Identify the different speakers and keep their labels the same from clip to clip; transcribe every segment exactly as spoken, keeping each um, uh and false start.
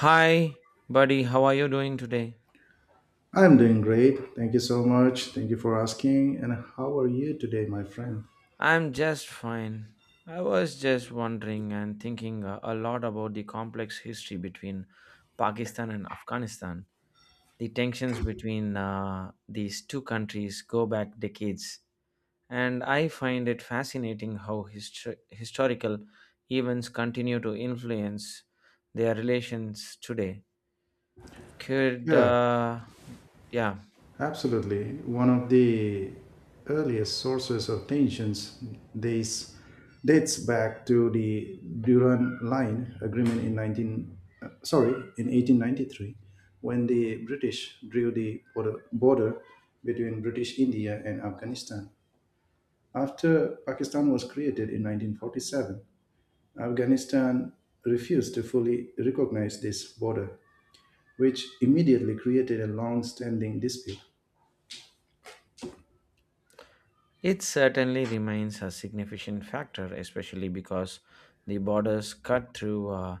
Speaker 1: Hi, buddy, how are you doing today?
Speaker 2: I'm doing great. Thank you so much. Thank you for asking. And how are you today, my friend?
Speaker 1: I'm just fine. I was just wondering and thinking a a lot about the complex history between Pakistan and Afghanistan. The tensions between uh, these two countries go back decades, and I find it fascinating how histor- historical events continue to influence their relations today. Could,
Speaker 2: Yeah,
Speaker 1: uh, yeah,
Speaker 2: absolutely. One of the earliest sources of tensions dates dates back to the Durand Line Agreement in nineteen uh, sorry, in eighteen ninety-three when the British drew the border, border between British India and Afghanistan. After Pakistan was created in nineteen forty-seven, Afghanistan refused to fully recognize this border, which immediately created a long standing dispute.
Speaker 1: It certainly remains a significant factor, especially because the borders cut through uh,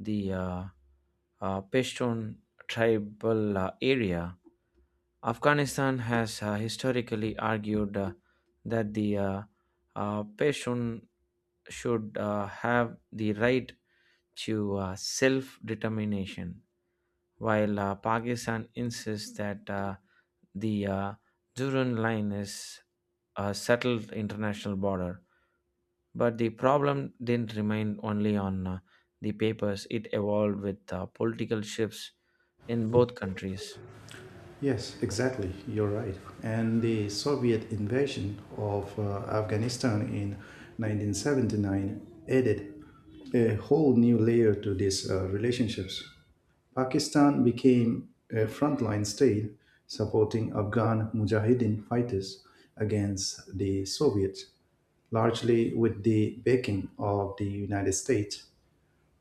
Speaker 1: the uh, uh, Pashtun tribal uh, area. Afghanistan has uh, historically argued uh, that the uh, uh, Pashtun should uh, have the right to uh, self determination, while uh, Pakistan insists that uh, the uh, Durand line is a settled international border. But the problem didn't remain only on uh, the papers, it evolved with uh, political shifts in both countries.
Speaker 2: Yes, exactly. You're right. And the Soviet invasion of uh, Afghanistan in nineteen seventy-nine added a whole new layer to these uh, relationships. Pakistan became a frontline state supporting Afghan Mujahideen fighters against the Soviets, largely with the backing of the United States.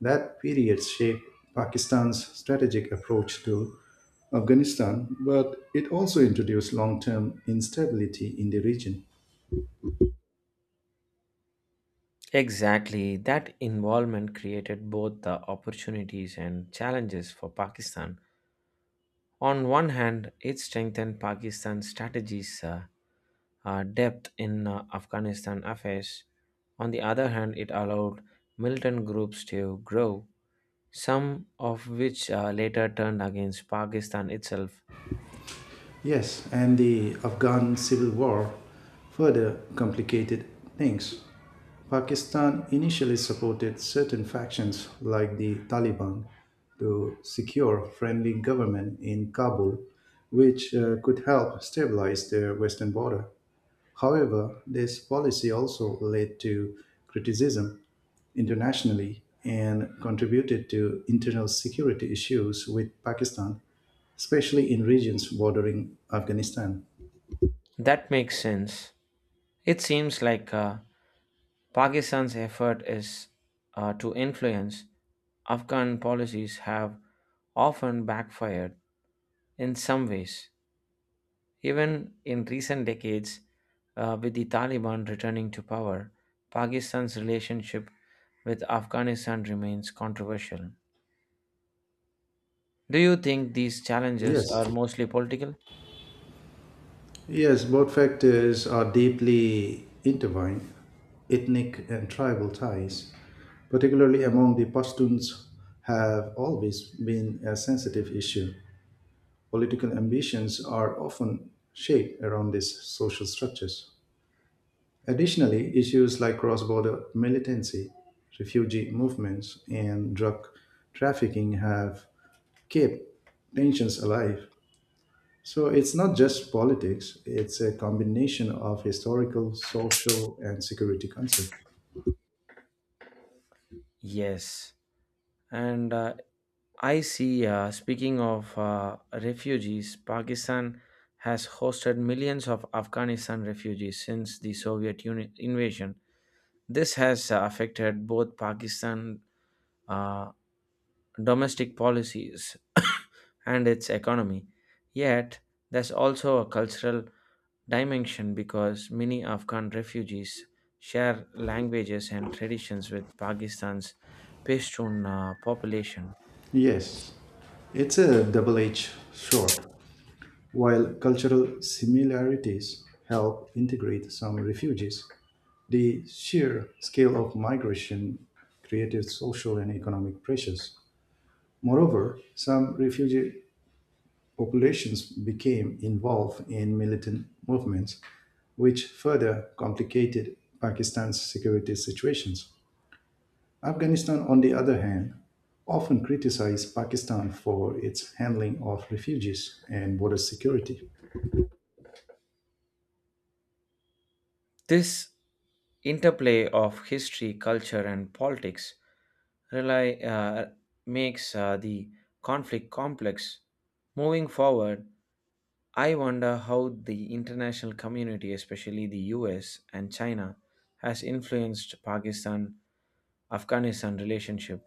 Speaker 2: That period shaped Pakistan's strategic approach to Afghanistan, but it also introduced long term instability in the region.
Speaker 1: Exactly, that involvement created both the opportunities and challenges for Pakistan. On one hand, it strengthened Pakistan's strategies uh, uh, depth in uh, Afghanistan affairs. On the other hand, it allowed militant groups to grow, some of which uh, later turned against Pakistan itself.
Speaker 2: Yes, and the Afghan civil war further complicated things. Pakistan initially supported certain factions like the Taliban to secure friendly government in Kabul, which uh, could help stabilize their western border. However, this policy also led to criticism internationally and contributed to internal security issues with Pakistan, especially in regions bordering Afghanistan.
Speaker 1: That makes sense. It seems like uh, Pakistan's effort is uh, to influence Afghan policies have often backfired in some ways. Even in recent decades, uh, with the Taliban returning to power, Pakistan's relationship with Afghanistan remains controversial. Do you think these challenges
Speaker 2: Yes.
Speaker 1: are mostly political?
Speaker 2: Yes, both factors are deeply intertwined. Ethnic and tribal ties, particularly among the Pashtuns, have always been a sensitive issue. Political ambitions are often shaped around these social structures. Additionally, issues like cross border militancy, refugee movements, and drug trafficking have kept tensions alive. So it's not just politics, it's a combination of historical, social, and security concerns.
Speaker 1: Yes. And uh, I see. Uh, speaking of uh, refugees, Pakistan has hosted millions of Afghanistan refugees since the Soviet Union invasion. This has uh, affected both Pakistan uh, domestic policies and its economy. Yet, there's also a cultural dimension because many Afghan refugees share languages and traditions with Pakistan's Pashtun uh, population.
Speaker 2: Yes, it's a double edged sword. While cultural similarities help integrate some refugees, the sheer scale of migration created social and economic pressures. Moreover, some refugee populations became involved in militant movements, which further complicated Pakistan's security situations. Afghanistan, on the other hand, often criticized Pakistan for its handling of refugees and border security.
Speaker 1: This interplay of history, culture, and politics rely, uh, makes uh, the conflict complex. Moving forward, I wonder how the international community, especially the U S and China, has influenced Pakistan Afghanistan relationship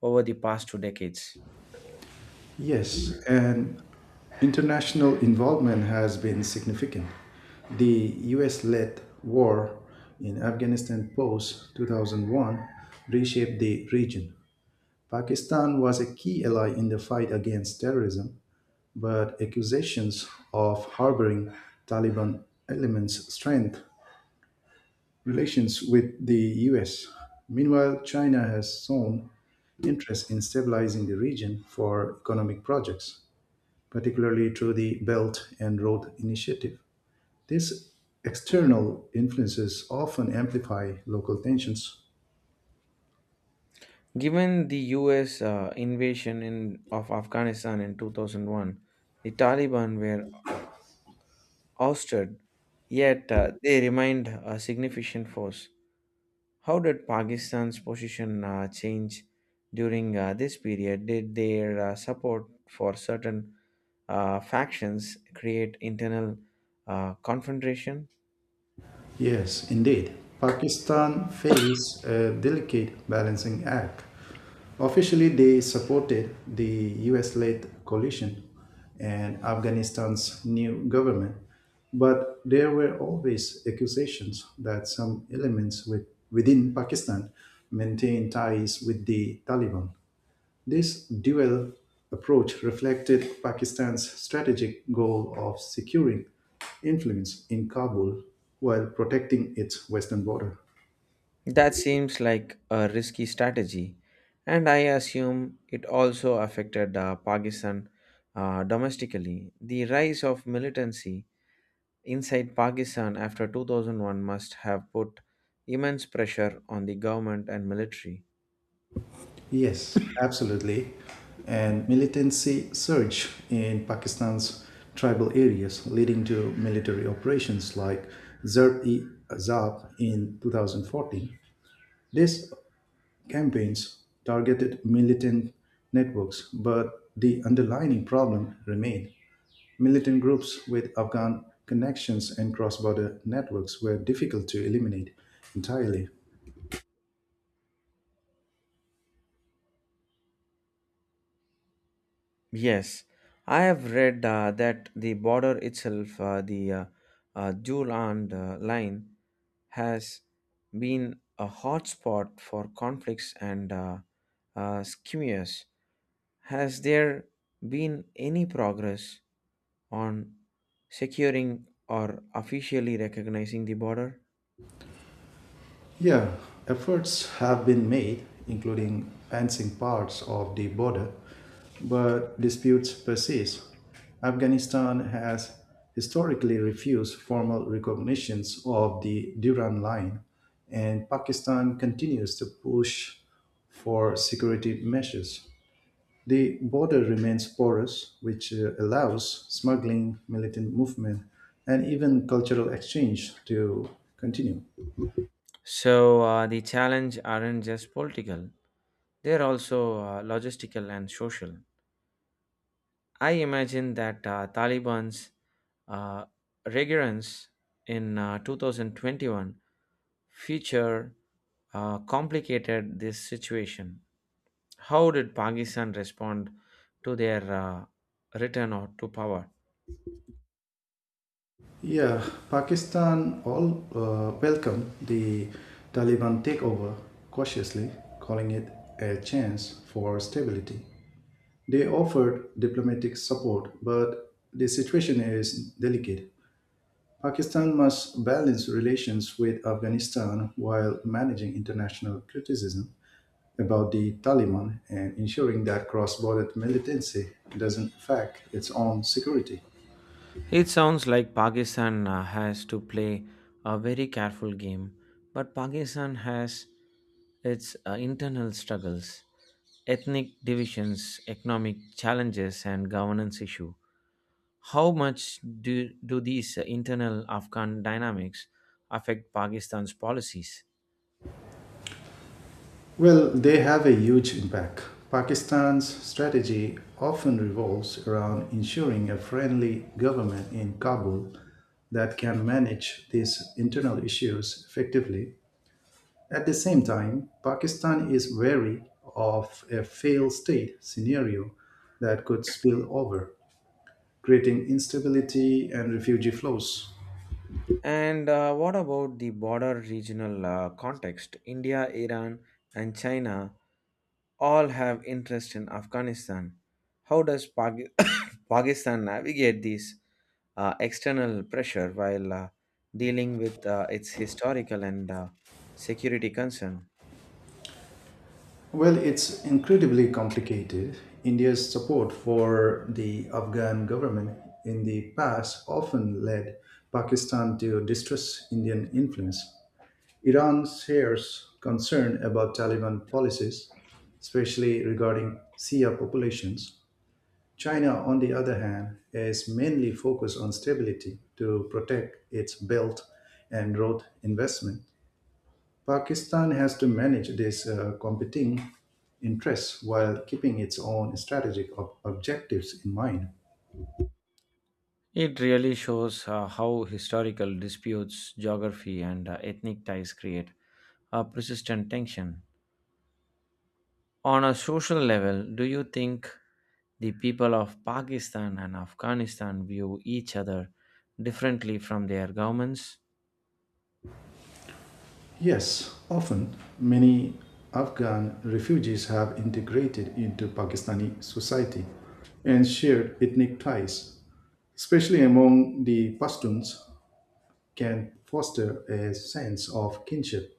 Speaker 1: over the past two decades.
Speaker 2: Yes, and international involvement has been significant. The U S led war in Afghanistan post two thousand one reshaped the region. Pakistan was a key ally in the fight against terrorism, but accusations of harboring Taliban elements strengthened relations with the U S. Meanwhile, China has shown interest in stabilizing the region for economic projects, particularly through the Belt and Road Initiative. These external influences often amplify local tensions.
Speaker 1: Given the U S uh, invasion in, of Afghanistan in two thousand one, the Taliban were ousted, yet uh, they remained a significant force. How did Pakistan's position uh, change during uh, this period? Did their uh, support for certain uh, factions create internal uh, confrontation?
Speaker 2: Yes, indeed. Pakistan faced a delicate balancing act. Officially, they supported the U S led coalition and Afghanistan's new government, but there were always accusations that some elements with, within Pakistan maintained ties with the Taliban. This dual approach reflected Pakistan's strategic goal of securing influence in Kabul while protecting its western border.
Speaker 1: That seems like a risky strategy, and I assume it also affected uh, Pakistan uh, domestically. The rise of militancy inside Pakistan after two thousand one must have put immense pressure on the government and military.
Speaker 2: Yes, absolutely. And militancy surged in Pakistan's tribal areas, leading to military operations like Zar-e-Azab in twenty fourteen. These campaigns targeted militant networks, but the underlying problem remained. Militant groups with Afghan connections and cross border networks were difficult to eliminate entirely.
Speaker 1: Yes, I have read uh, that the border itself, uh, the uh, uh, Juland uh, line, has been a hotspot for conflicts and uh, uh, skirmishes. Has there been any progress on securing or officially recognizing the border?
Speaker 2: Yeah, efforts have been made, including fencing parts of the border, but disputes persist. Afghanistan has historically refused formal recognitions of the Durand Line, and Pakistan continues to push for security measures. The border remains porous, which uh, allows smuggling, militant movement, and even cultural exchange to continue.
Speaker 1: So uh, the challenge aren't just political; they're also uh, logistical and social. I imagine that uh, Taliban's uh, recurrence in uh, twenty twenty-one feature uh, complicated this situation. How did Pakistan respond to their uh, return or to power?
Speaker 2: Yeah, Pakistan all uh, welcomed the Taliban takeover cautiously, calling it a chance for stability. They offered diplomatic support, but the situation is delicate. Pakistan must balance relations with Afghanistan while managing international criticism about the Taliban and ensuring that cross-border militancy doesn't affect its own security.
Speaker 1: It sounds like Pakistan uh, has to play a very careful game, but Pakistan has its uh, internal struggles, ethnic divisions, economic challenges, and governance issue. How much do, do these uh, internal Afghan dynamics affect Pakistan's policies?
Speaker 2: Well, they have a huge impact. Pakistan's strategy often revolves around ensuring a friendly government in Kabul that can manage these internal issues effectively. At the same time, Pakistan is wary of a failed state scenario that could spill over, creating instability and refugee flows.
Speaker 1: And uh, What about the border regional uh, context? India, Iran, and China all have interest in Afghanistan. How does Paki- Pakistan navigate this uh, external pressure while uh, dealing with uh, its historical and uh, security concern?
Speaker 2: Well, it's incredibly complicated. India's support for the Afghan government in the past often led Pakistan to distrust Indian influence. Iran shares concern about Taliban policies, especially regarding Shia populations. China, on the other hand, is mainly focused on stability to protect its Belt and Road investment. Pakistan has to manage these uh, competing interests while keeping its own strategic ob- objectives in mind.
Speaker 1: It really shows uh, how historical disputes, geography, and uh, ethnic ties create a persistent tension. On a social level, do you think the people of Pakistan and Afghanistan view each other differently from their governments?
Speaker 2: Yes, often many Afghan refugees have integrated into Pakistani society and shared ethnic ties, especially among the Pashtuns, can foster a sense of kinship.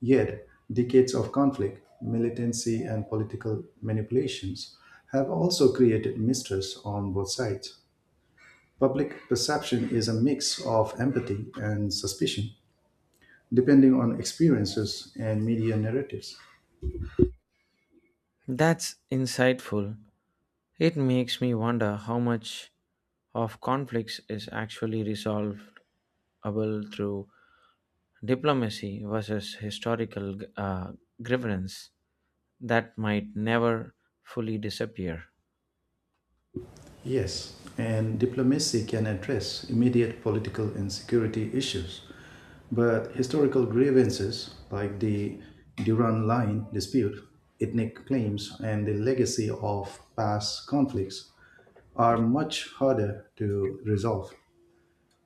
Speaker 2: Yet, decades of conflict, militancy, and political manipulations have also created mistrust on both sides. Public perception is a mix of empathy and suspicion, depending on experiences and media narratives.
Speaker 1: That's insightful. It makes me wonder how much of conflicts is actually resolvable through diplomacy versus historical uh, grievance that might never fully disappear.
Speaker 2: Yes, and diplomacy can address immediate political and security issues, but historical grievances like the Durand Line dispute, ethnic claims, and the legacy of past conflicts are much harder to resolve.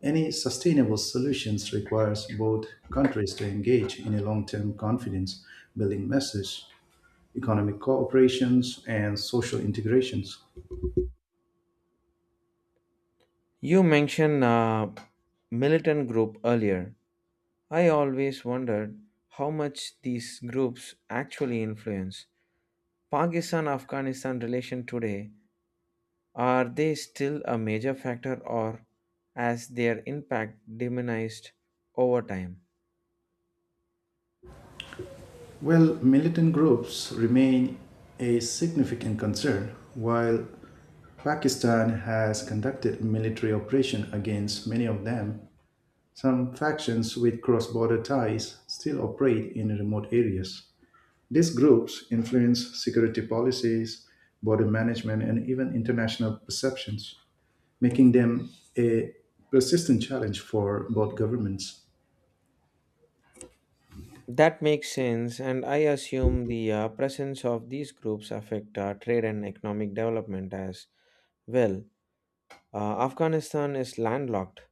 Speaker 2: Any sustainable solutions requires both countries to engage in a long-term confidence building message, economic cooperations, and social integrations.
Speaker 1: You mentioned a militant group earlier. I always wondered how much these groups actually influence Pakistan Afghanistan relation today. Are they still a major factor or has their impact diminished over time?
Speaker 2: Well, militant groups remain a significant concern. While Pakistan has conducted military operations against many of them, some factions with cross border ties still operate in remote areas. These groups influence security policies, border management, and even international perceptions, making them a persistent challenge for both governments.
Speaker 1: That makes sense, and I assume the uh, presence of these groups affect uh, trade and economic development as well. Uh, Afghanistan is landlocked,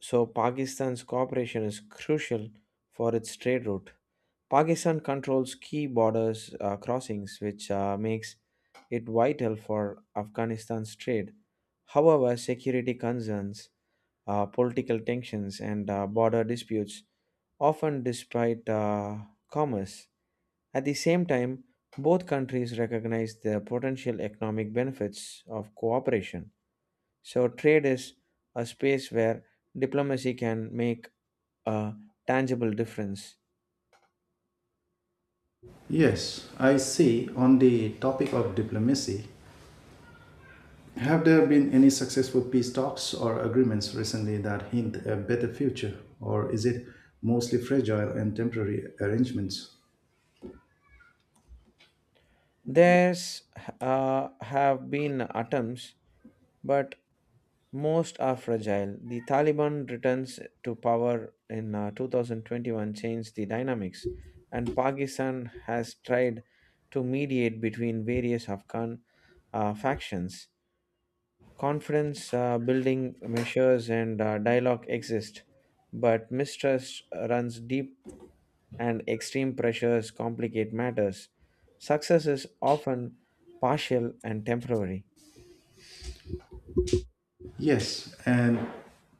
Speaker 1: so Pakistan's cooperation is crucial for its trade route. Pakistan controls key borders uh, crossings, which uh, makes it vital for Afghanistan's trade. However, security concerns, uh, political tensions, and uh, border disputes often despite uh, commerce. At the same time, both countries recognize the potential economic benefits of cooperation. So, trade is a space where diplomacy can make a tangible difference.
Speaker 2: Yes, I see. On the topic of diplomacy, have there been any successful peace talks or agreements recently that hint a better future, or is it mostly fragile and temporary arrangements?
Speaker 1: There's uh, have been attempts, but most are fragile. The Taliban returns to power in uh, twenty twenty-one changed the dynamics, and Pakistan has tried to mediate between various Afghan uh, factions. Confidence uh, building measures and uh, dialogue exist, but mistrust runs deep and extreme pressures complicate matters. Success is often partial and temporary.
Speaker 2: Yes, and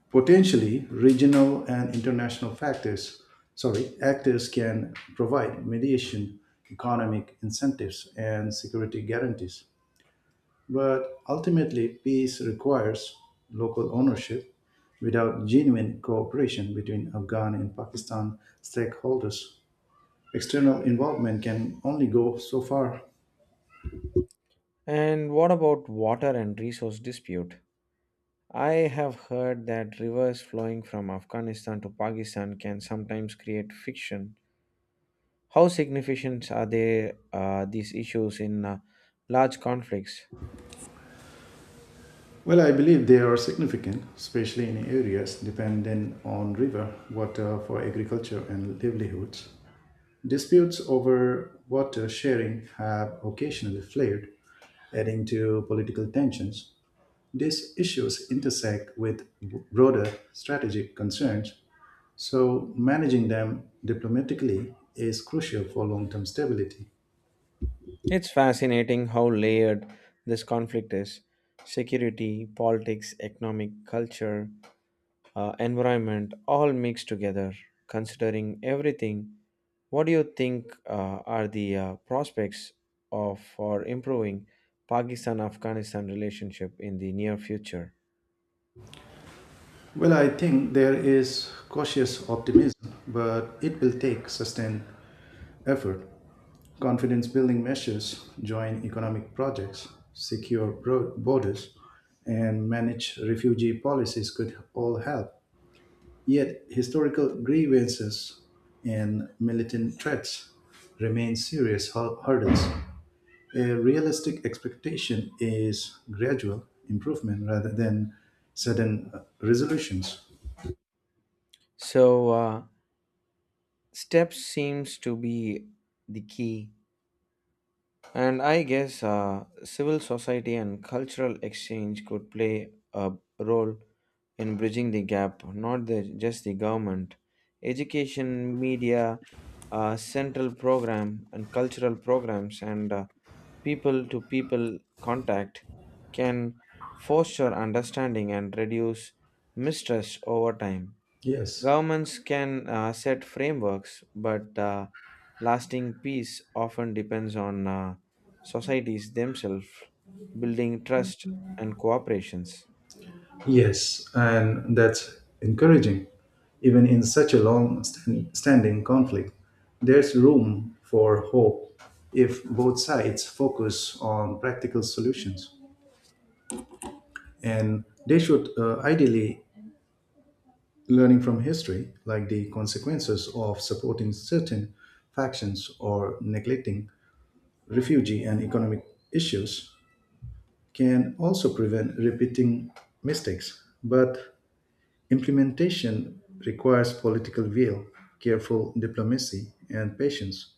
Speaker 2: potentially regional and international factors, sorry, actors can provide mediation, economic incentives, and security guarantees. But ultimately, peace requires local ownership without genuine cooperation between Afghan and Pakistan stakeholders. External involvement can only go so far.
Speaker 1: And what about water and resource dispute? I have heard that rivers flowing from Afghanistan to Pakistan can sometimes create friction. How significant are they, uh, these issues in uh, large conflicts?
Speaker 2: Well, I believe they are significant, especially in areas dependent on river water for agriculture and livelihoods. Disputes over water sharing have occasionally flared, adding to political tensions. These issues intersect with broader strategic concerns, so managing them diplomatically is crucial for long term stability.
Speaker 1: It's fascinating how layered this conflict is. Security, politics, economic, culture, uh, environment all mixed together. Considering everything, what do you think uh, are the uh, prospects of for improving Pakistan-Afghanistan relationship in the near future?
Speaker 2: Well, I think there is cautious optimism, but it will take sustained effort. Confidence building measures, joint economic projects, secure bro- borders, and manage refugee policies could all help. Yet, historical grievances and militant threats remain serious hur- hurdles. A realistic expectation is gradual improvement rather than sudden uh, resolutions.
Speaker 1: So uh, steps seems to be the key. And I guess uh, civil society and cultural exchange could play a role in bridging the gap, not the, just the government. Education, media, uh, central program, and cultural programs, and uh, people to people contact can foster understanding and reduce mistrust over time.
Speaker 2: Yes.
Speaker 1: Governments can uh, set frameworks, but uh, lasting peace often depends on uh, societies themselves building trust and cooperations.
Speaker 2: Yes, and that's encouraging. Even in such a long stand- standing conflict, there's room for hope if both sides focus on practical solutions. And they should uh, ideally learning from history, like the consequences of supporting certain factions or neglecting refugee and economic issues, can also prevent repeating mistakes. But implementation requires political will, careful diplomacy, and patience,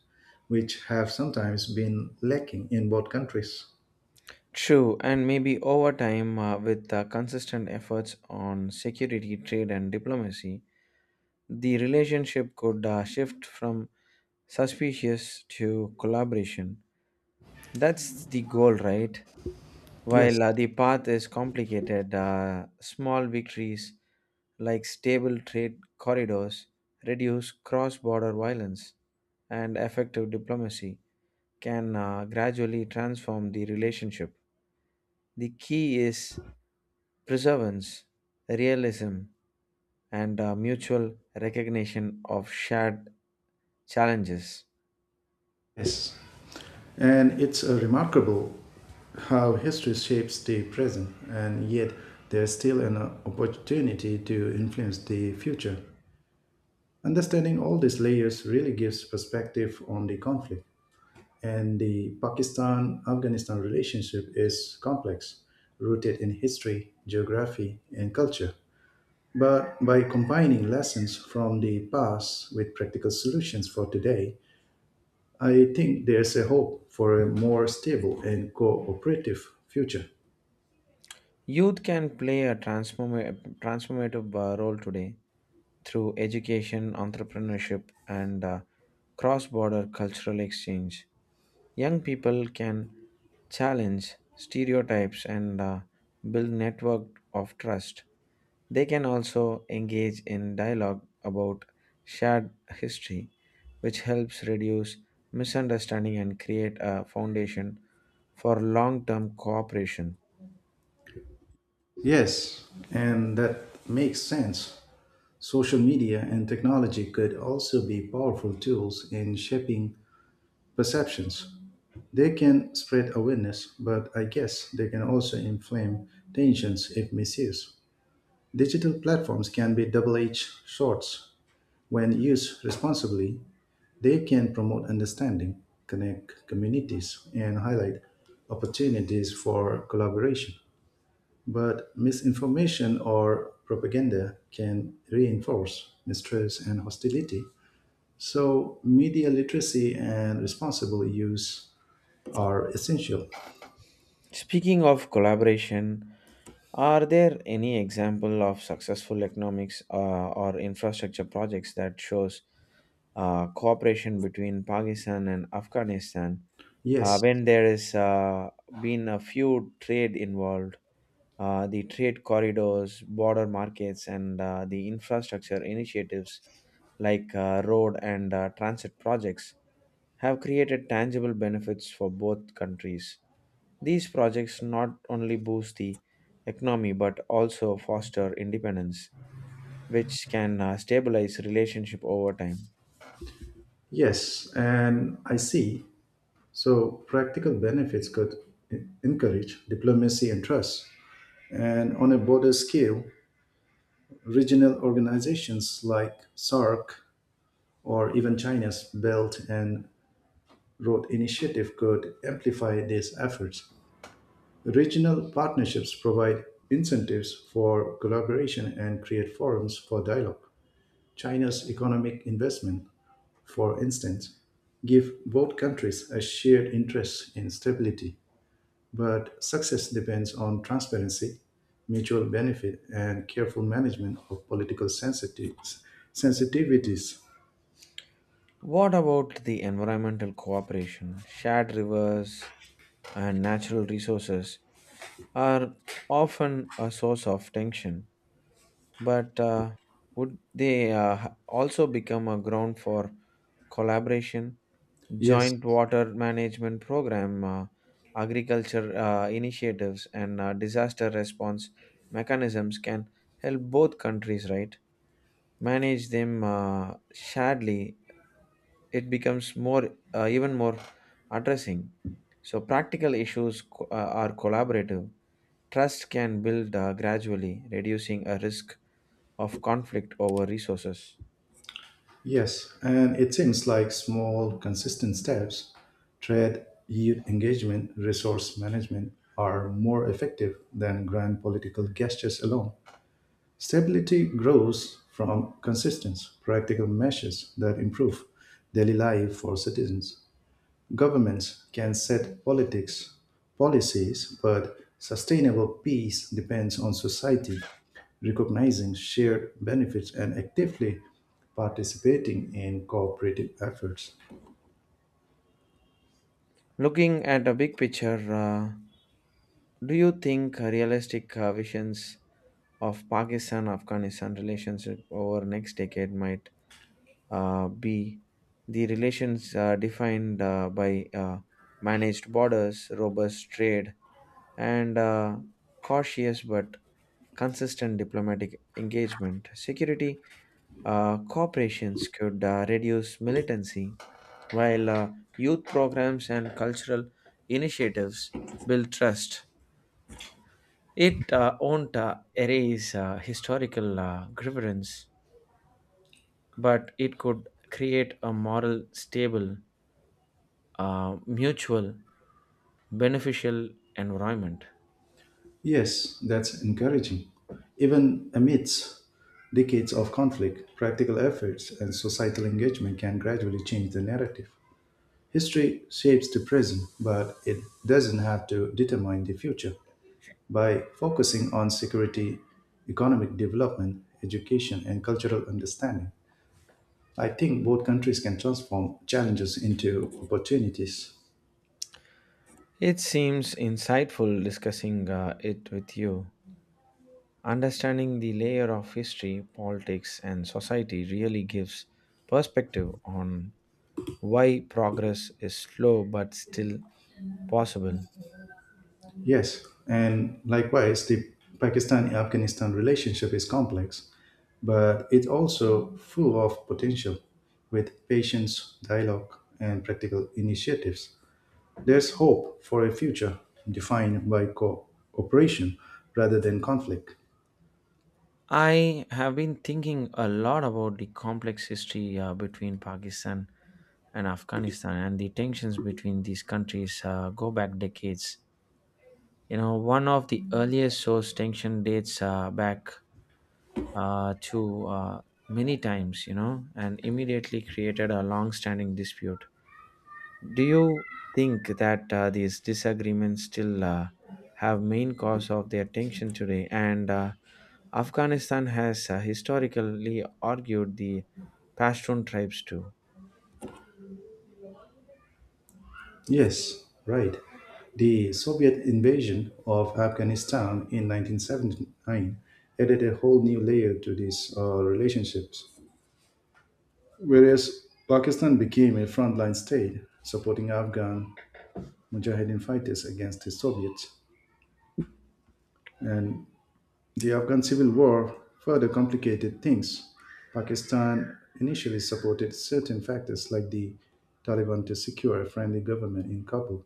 Speaker 2: which have sometimes been lacking in both countries.
Speaker 1: True, and maybe over time, uh, with uh, consistent efforts on security, trade, and diplomacy, the relationship could uh, shift from suspicious to collaboration. That's the goal, right?
Speaker 2: Yes,
Speaker 1: While uh, the path is complicated, uh, small victories like stable trade corridors reduce cross border violence and effective diplomacy can uh, gradually transform the relationship. The key is perseverance, realism, and uh, mutual recognition of shared challenges.
Speaker 2: yes, and it's uh, remarkable how history shapes the present, and yet there's still an uh, opportunity to influence the future. Understanding all these layers really gives perspective on the conflict. And the Pakistan Afghanistan relationship is complex, rooted in history, geography, and culture. But by combining lessons from the past with practical solutions for today, I think there's a hope for a more stable and cooperative future.
Speaker 1: Youth can play a transforma- transformative uh, role today through education, entrepreneurship, and uh, cross border cultural exchange. Young people can challenge stereotypes and uh, build network of trust. They can also engage in dialogue about shared history, which helps reduce misunderstanding and create a foundation for long term cooperation.
Speaker 2: Yes, and that makes sense. Social media and technology could also be powerful tools in shaping perceptions. They can spread awareness, but I guess they can also inflame tensions if misused. Digital platforms can be double edged swords. When used responsibly, they can promote understanding, connect communities, and highlight opportunities for collaboration. But misinformation or propaganda can reinforce mistrust and hostility. So, media literacy and responsible use are essential.
Speaker 1: Speaking of collaboration, are there any example of successful economics uh, or infrastructure projects that shows uh, cooperation between Pakistan and Afghanistan? Uh,
Speaker 2: Yes.
Speaker 1: when there is uh, been a few trade involved, uh, the trade corridors, border markets, and uh, the infrastructure initiatives like uh, road and uh, transit projects have created tangible benefits for both countries. These projects not only boost the economy but also foster independence, which can uh, stabilize relationship over time.
Speaker 2: Yes, and I see. So practical benefits could en- encourage diplomacy and trust. And on a border scale, regional organizations like S A R C or even China's Belt and Road Initiative could amplify these efforts. Regional partnerships provide incentives for collaboration and create forums for dialogue. China's economic investment, for instance, give both countries a shared interest in stability. But success depends on transparency, mutual benefit, and careful management of political sensitivities. sensitivities.
Speaker 1: What about the environmental cooperation? Shared rivers and natural resources are often a source of tension, but uh, would they uh, also become a ground for collaboration?
Speaker 2: Yes,
Speaker 1: Joint water management program, uh, agriculture uh, initiatives, and uh, disaster response mechanisms can help both countries, right? Manage them uh, sharedly. It becomes more, uh, even more addressing. So practical issues co- uh, are collaborative. Trust can build uh, gradually, reducing a risk of conflict over resources.
Speaker 2: yes, and it seems like small, consistent steps, trade youth engagement, resource management, are more effective than grand political gestures alone. Stability grows from consistent, practical measures that improve daily life for citizens. Governments can set politics, policies, but sustainable peace depends on society recognizing shared benefits and actively participating in cooperative efforts.
Speaker 1: Looking at a big picture, uh, do you think realistic uh, visions of Pakistan-Afghanistan relationship over next decade might uh, be the relations uh, defined uh, by uh, managed borders, robust trade, and uh, cautious but consistent diplomatic engagement? Security uh, corporations could uh, reduce militancy, while uh, youth programs and cultural initiatives build trust. It uh, won't uh, erase uh, historical uh, grievance, but it could create a moral, stable, uh, mutual, beneficial environment.
Speaker 2: Yes, that's encouraging. Even amidst decades of conflict, practical efforts and societal engagement can gradually change the narrative. History shapes the present, but it doesn't have to determine the future. By focusing on security, economic development, education, and cultural understanding, I think both countries can transform challenges into opportunities.
Speaker 1: It seems insightful discussing uh, it with you. Understanding the layer of history, politics, and society really gives perspective on why progress is slow but still possible.
Speaker 2: Yes, and likewise, the Pakistan Afghanistan relationship is complex, but it's also full of potential with patience, dialogue, and practical initiatives. There's hope for a future defined by cooperation rather than conflict.
Speaker 1: I have been thinking a lot about the complex history uh, between Pakistan and Afghanistan and the tensions between these countries uh, go back decades. You know, one of the earliest source tension dates uh, back uh, to uh, many times, you know, and immediately created a long standing dispute. Do you think that uh, these disagreements still uh, have main cause of their tension today? And uh, Afghanistan has uh, historically argued the Pashtun tribes too.
Speaker 2: Yes, right. The Soviet invasion of Afghanistan in nineteen seventy-nine added a whole new layer to these uh, relationships. Whereas Pakistan became a frontline state supporting Afghan Mujahideen fighters against the Soviets, and the Afghan civil war further complicated things. Pakistan initially supported certain factors like the Taliban to secure a friendly government in Kabul.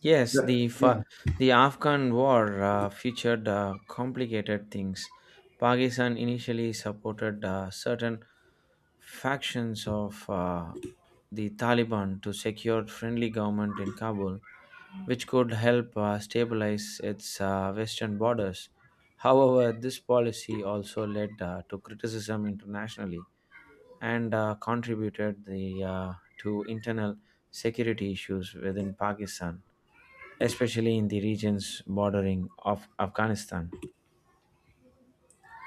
Speaker 1: Yes,
Speaker 2: That,
Speaker 1: the fa-
Speaker 2: yeah,
Speaker 1: the Afghan war uh, featured uh, complicated things. Pakistan initially supported uh, certain factions of uh, the Taliban to secure friendly government in Kabul, which could help uh, stabilize its uh, western borders. However, this policy also led uh, to criticism internationally and uh, contributed the, uh, to internal security issues within Pakistan, especially in the regions bordering of Afghanistan.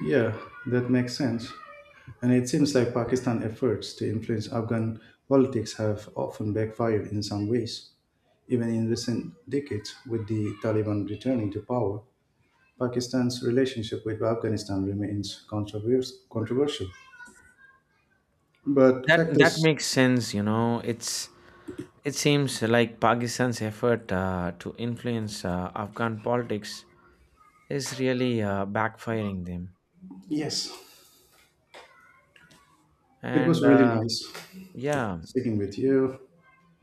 Speaker 2: yeah, that makes sense. And it seems like Pakistan's efforts to influence Afghan politics have often backfired in some ways. Even in recent decades, with the Taliban returning to power, Pakistan's relationship with Afghanistan remains controvers- controversial. But
Speaker 1: That that
Speaker 2: factors,
Speaker 1: makes sense, you know. It's it seems like Pakistan's effort uh, to influence uh, Afghan politics is really uh, backfiring them.
Speaker 2: yes, it was
Speaker 1: And
Speaker 2: really
Speaker 1: uh,
Speaker 2: nice
Speaker 1: yeah,
Speaker 2: speaking with you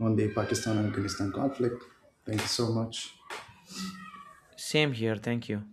Speaker 2: on the Pakistan Afghanistan conflict. Thank you so much.
Speaker 1: Same here. Thank you.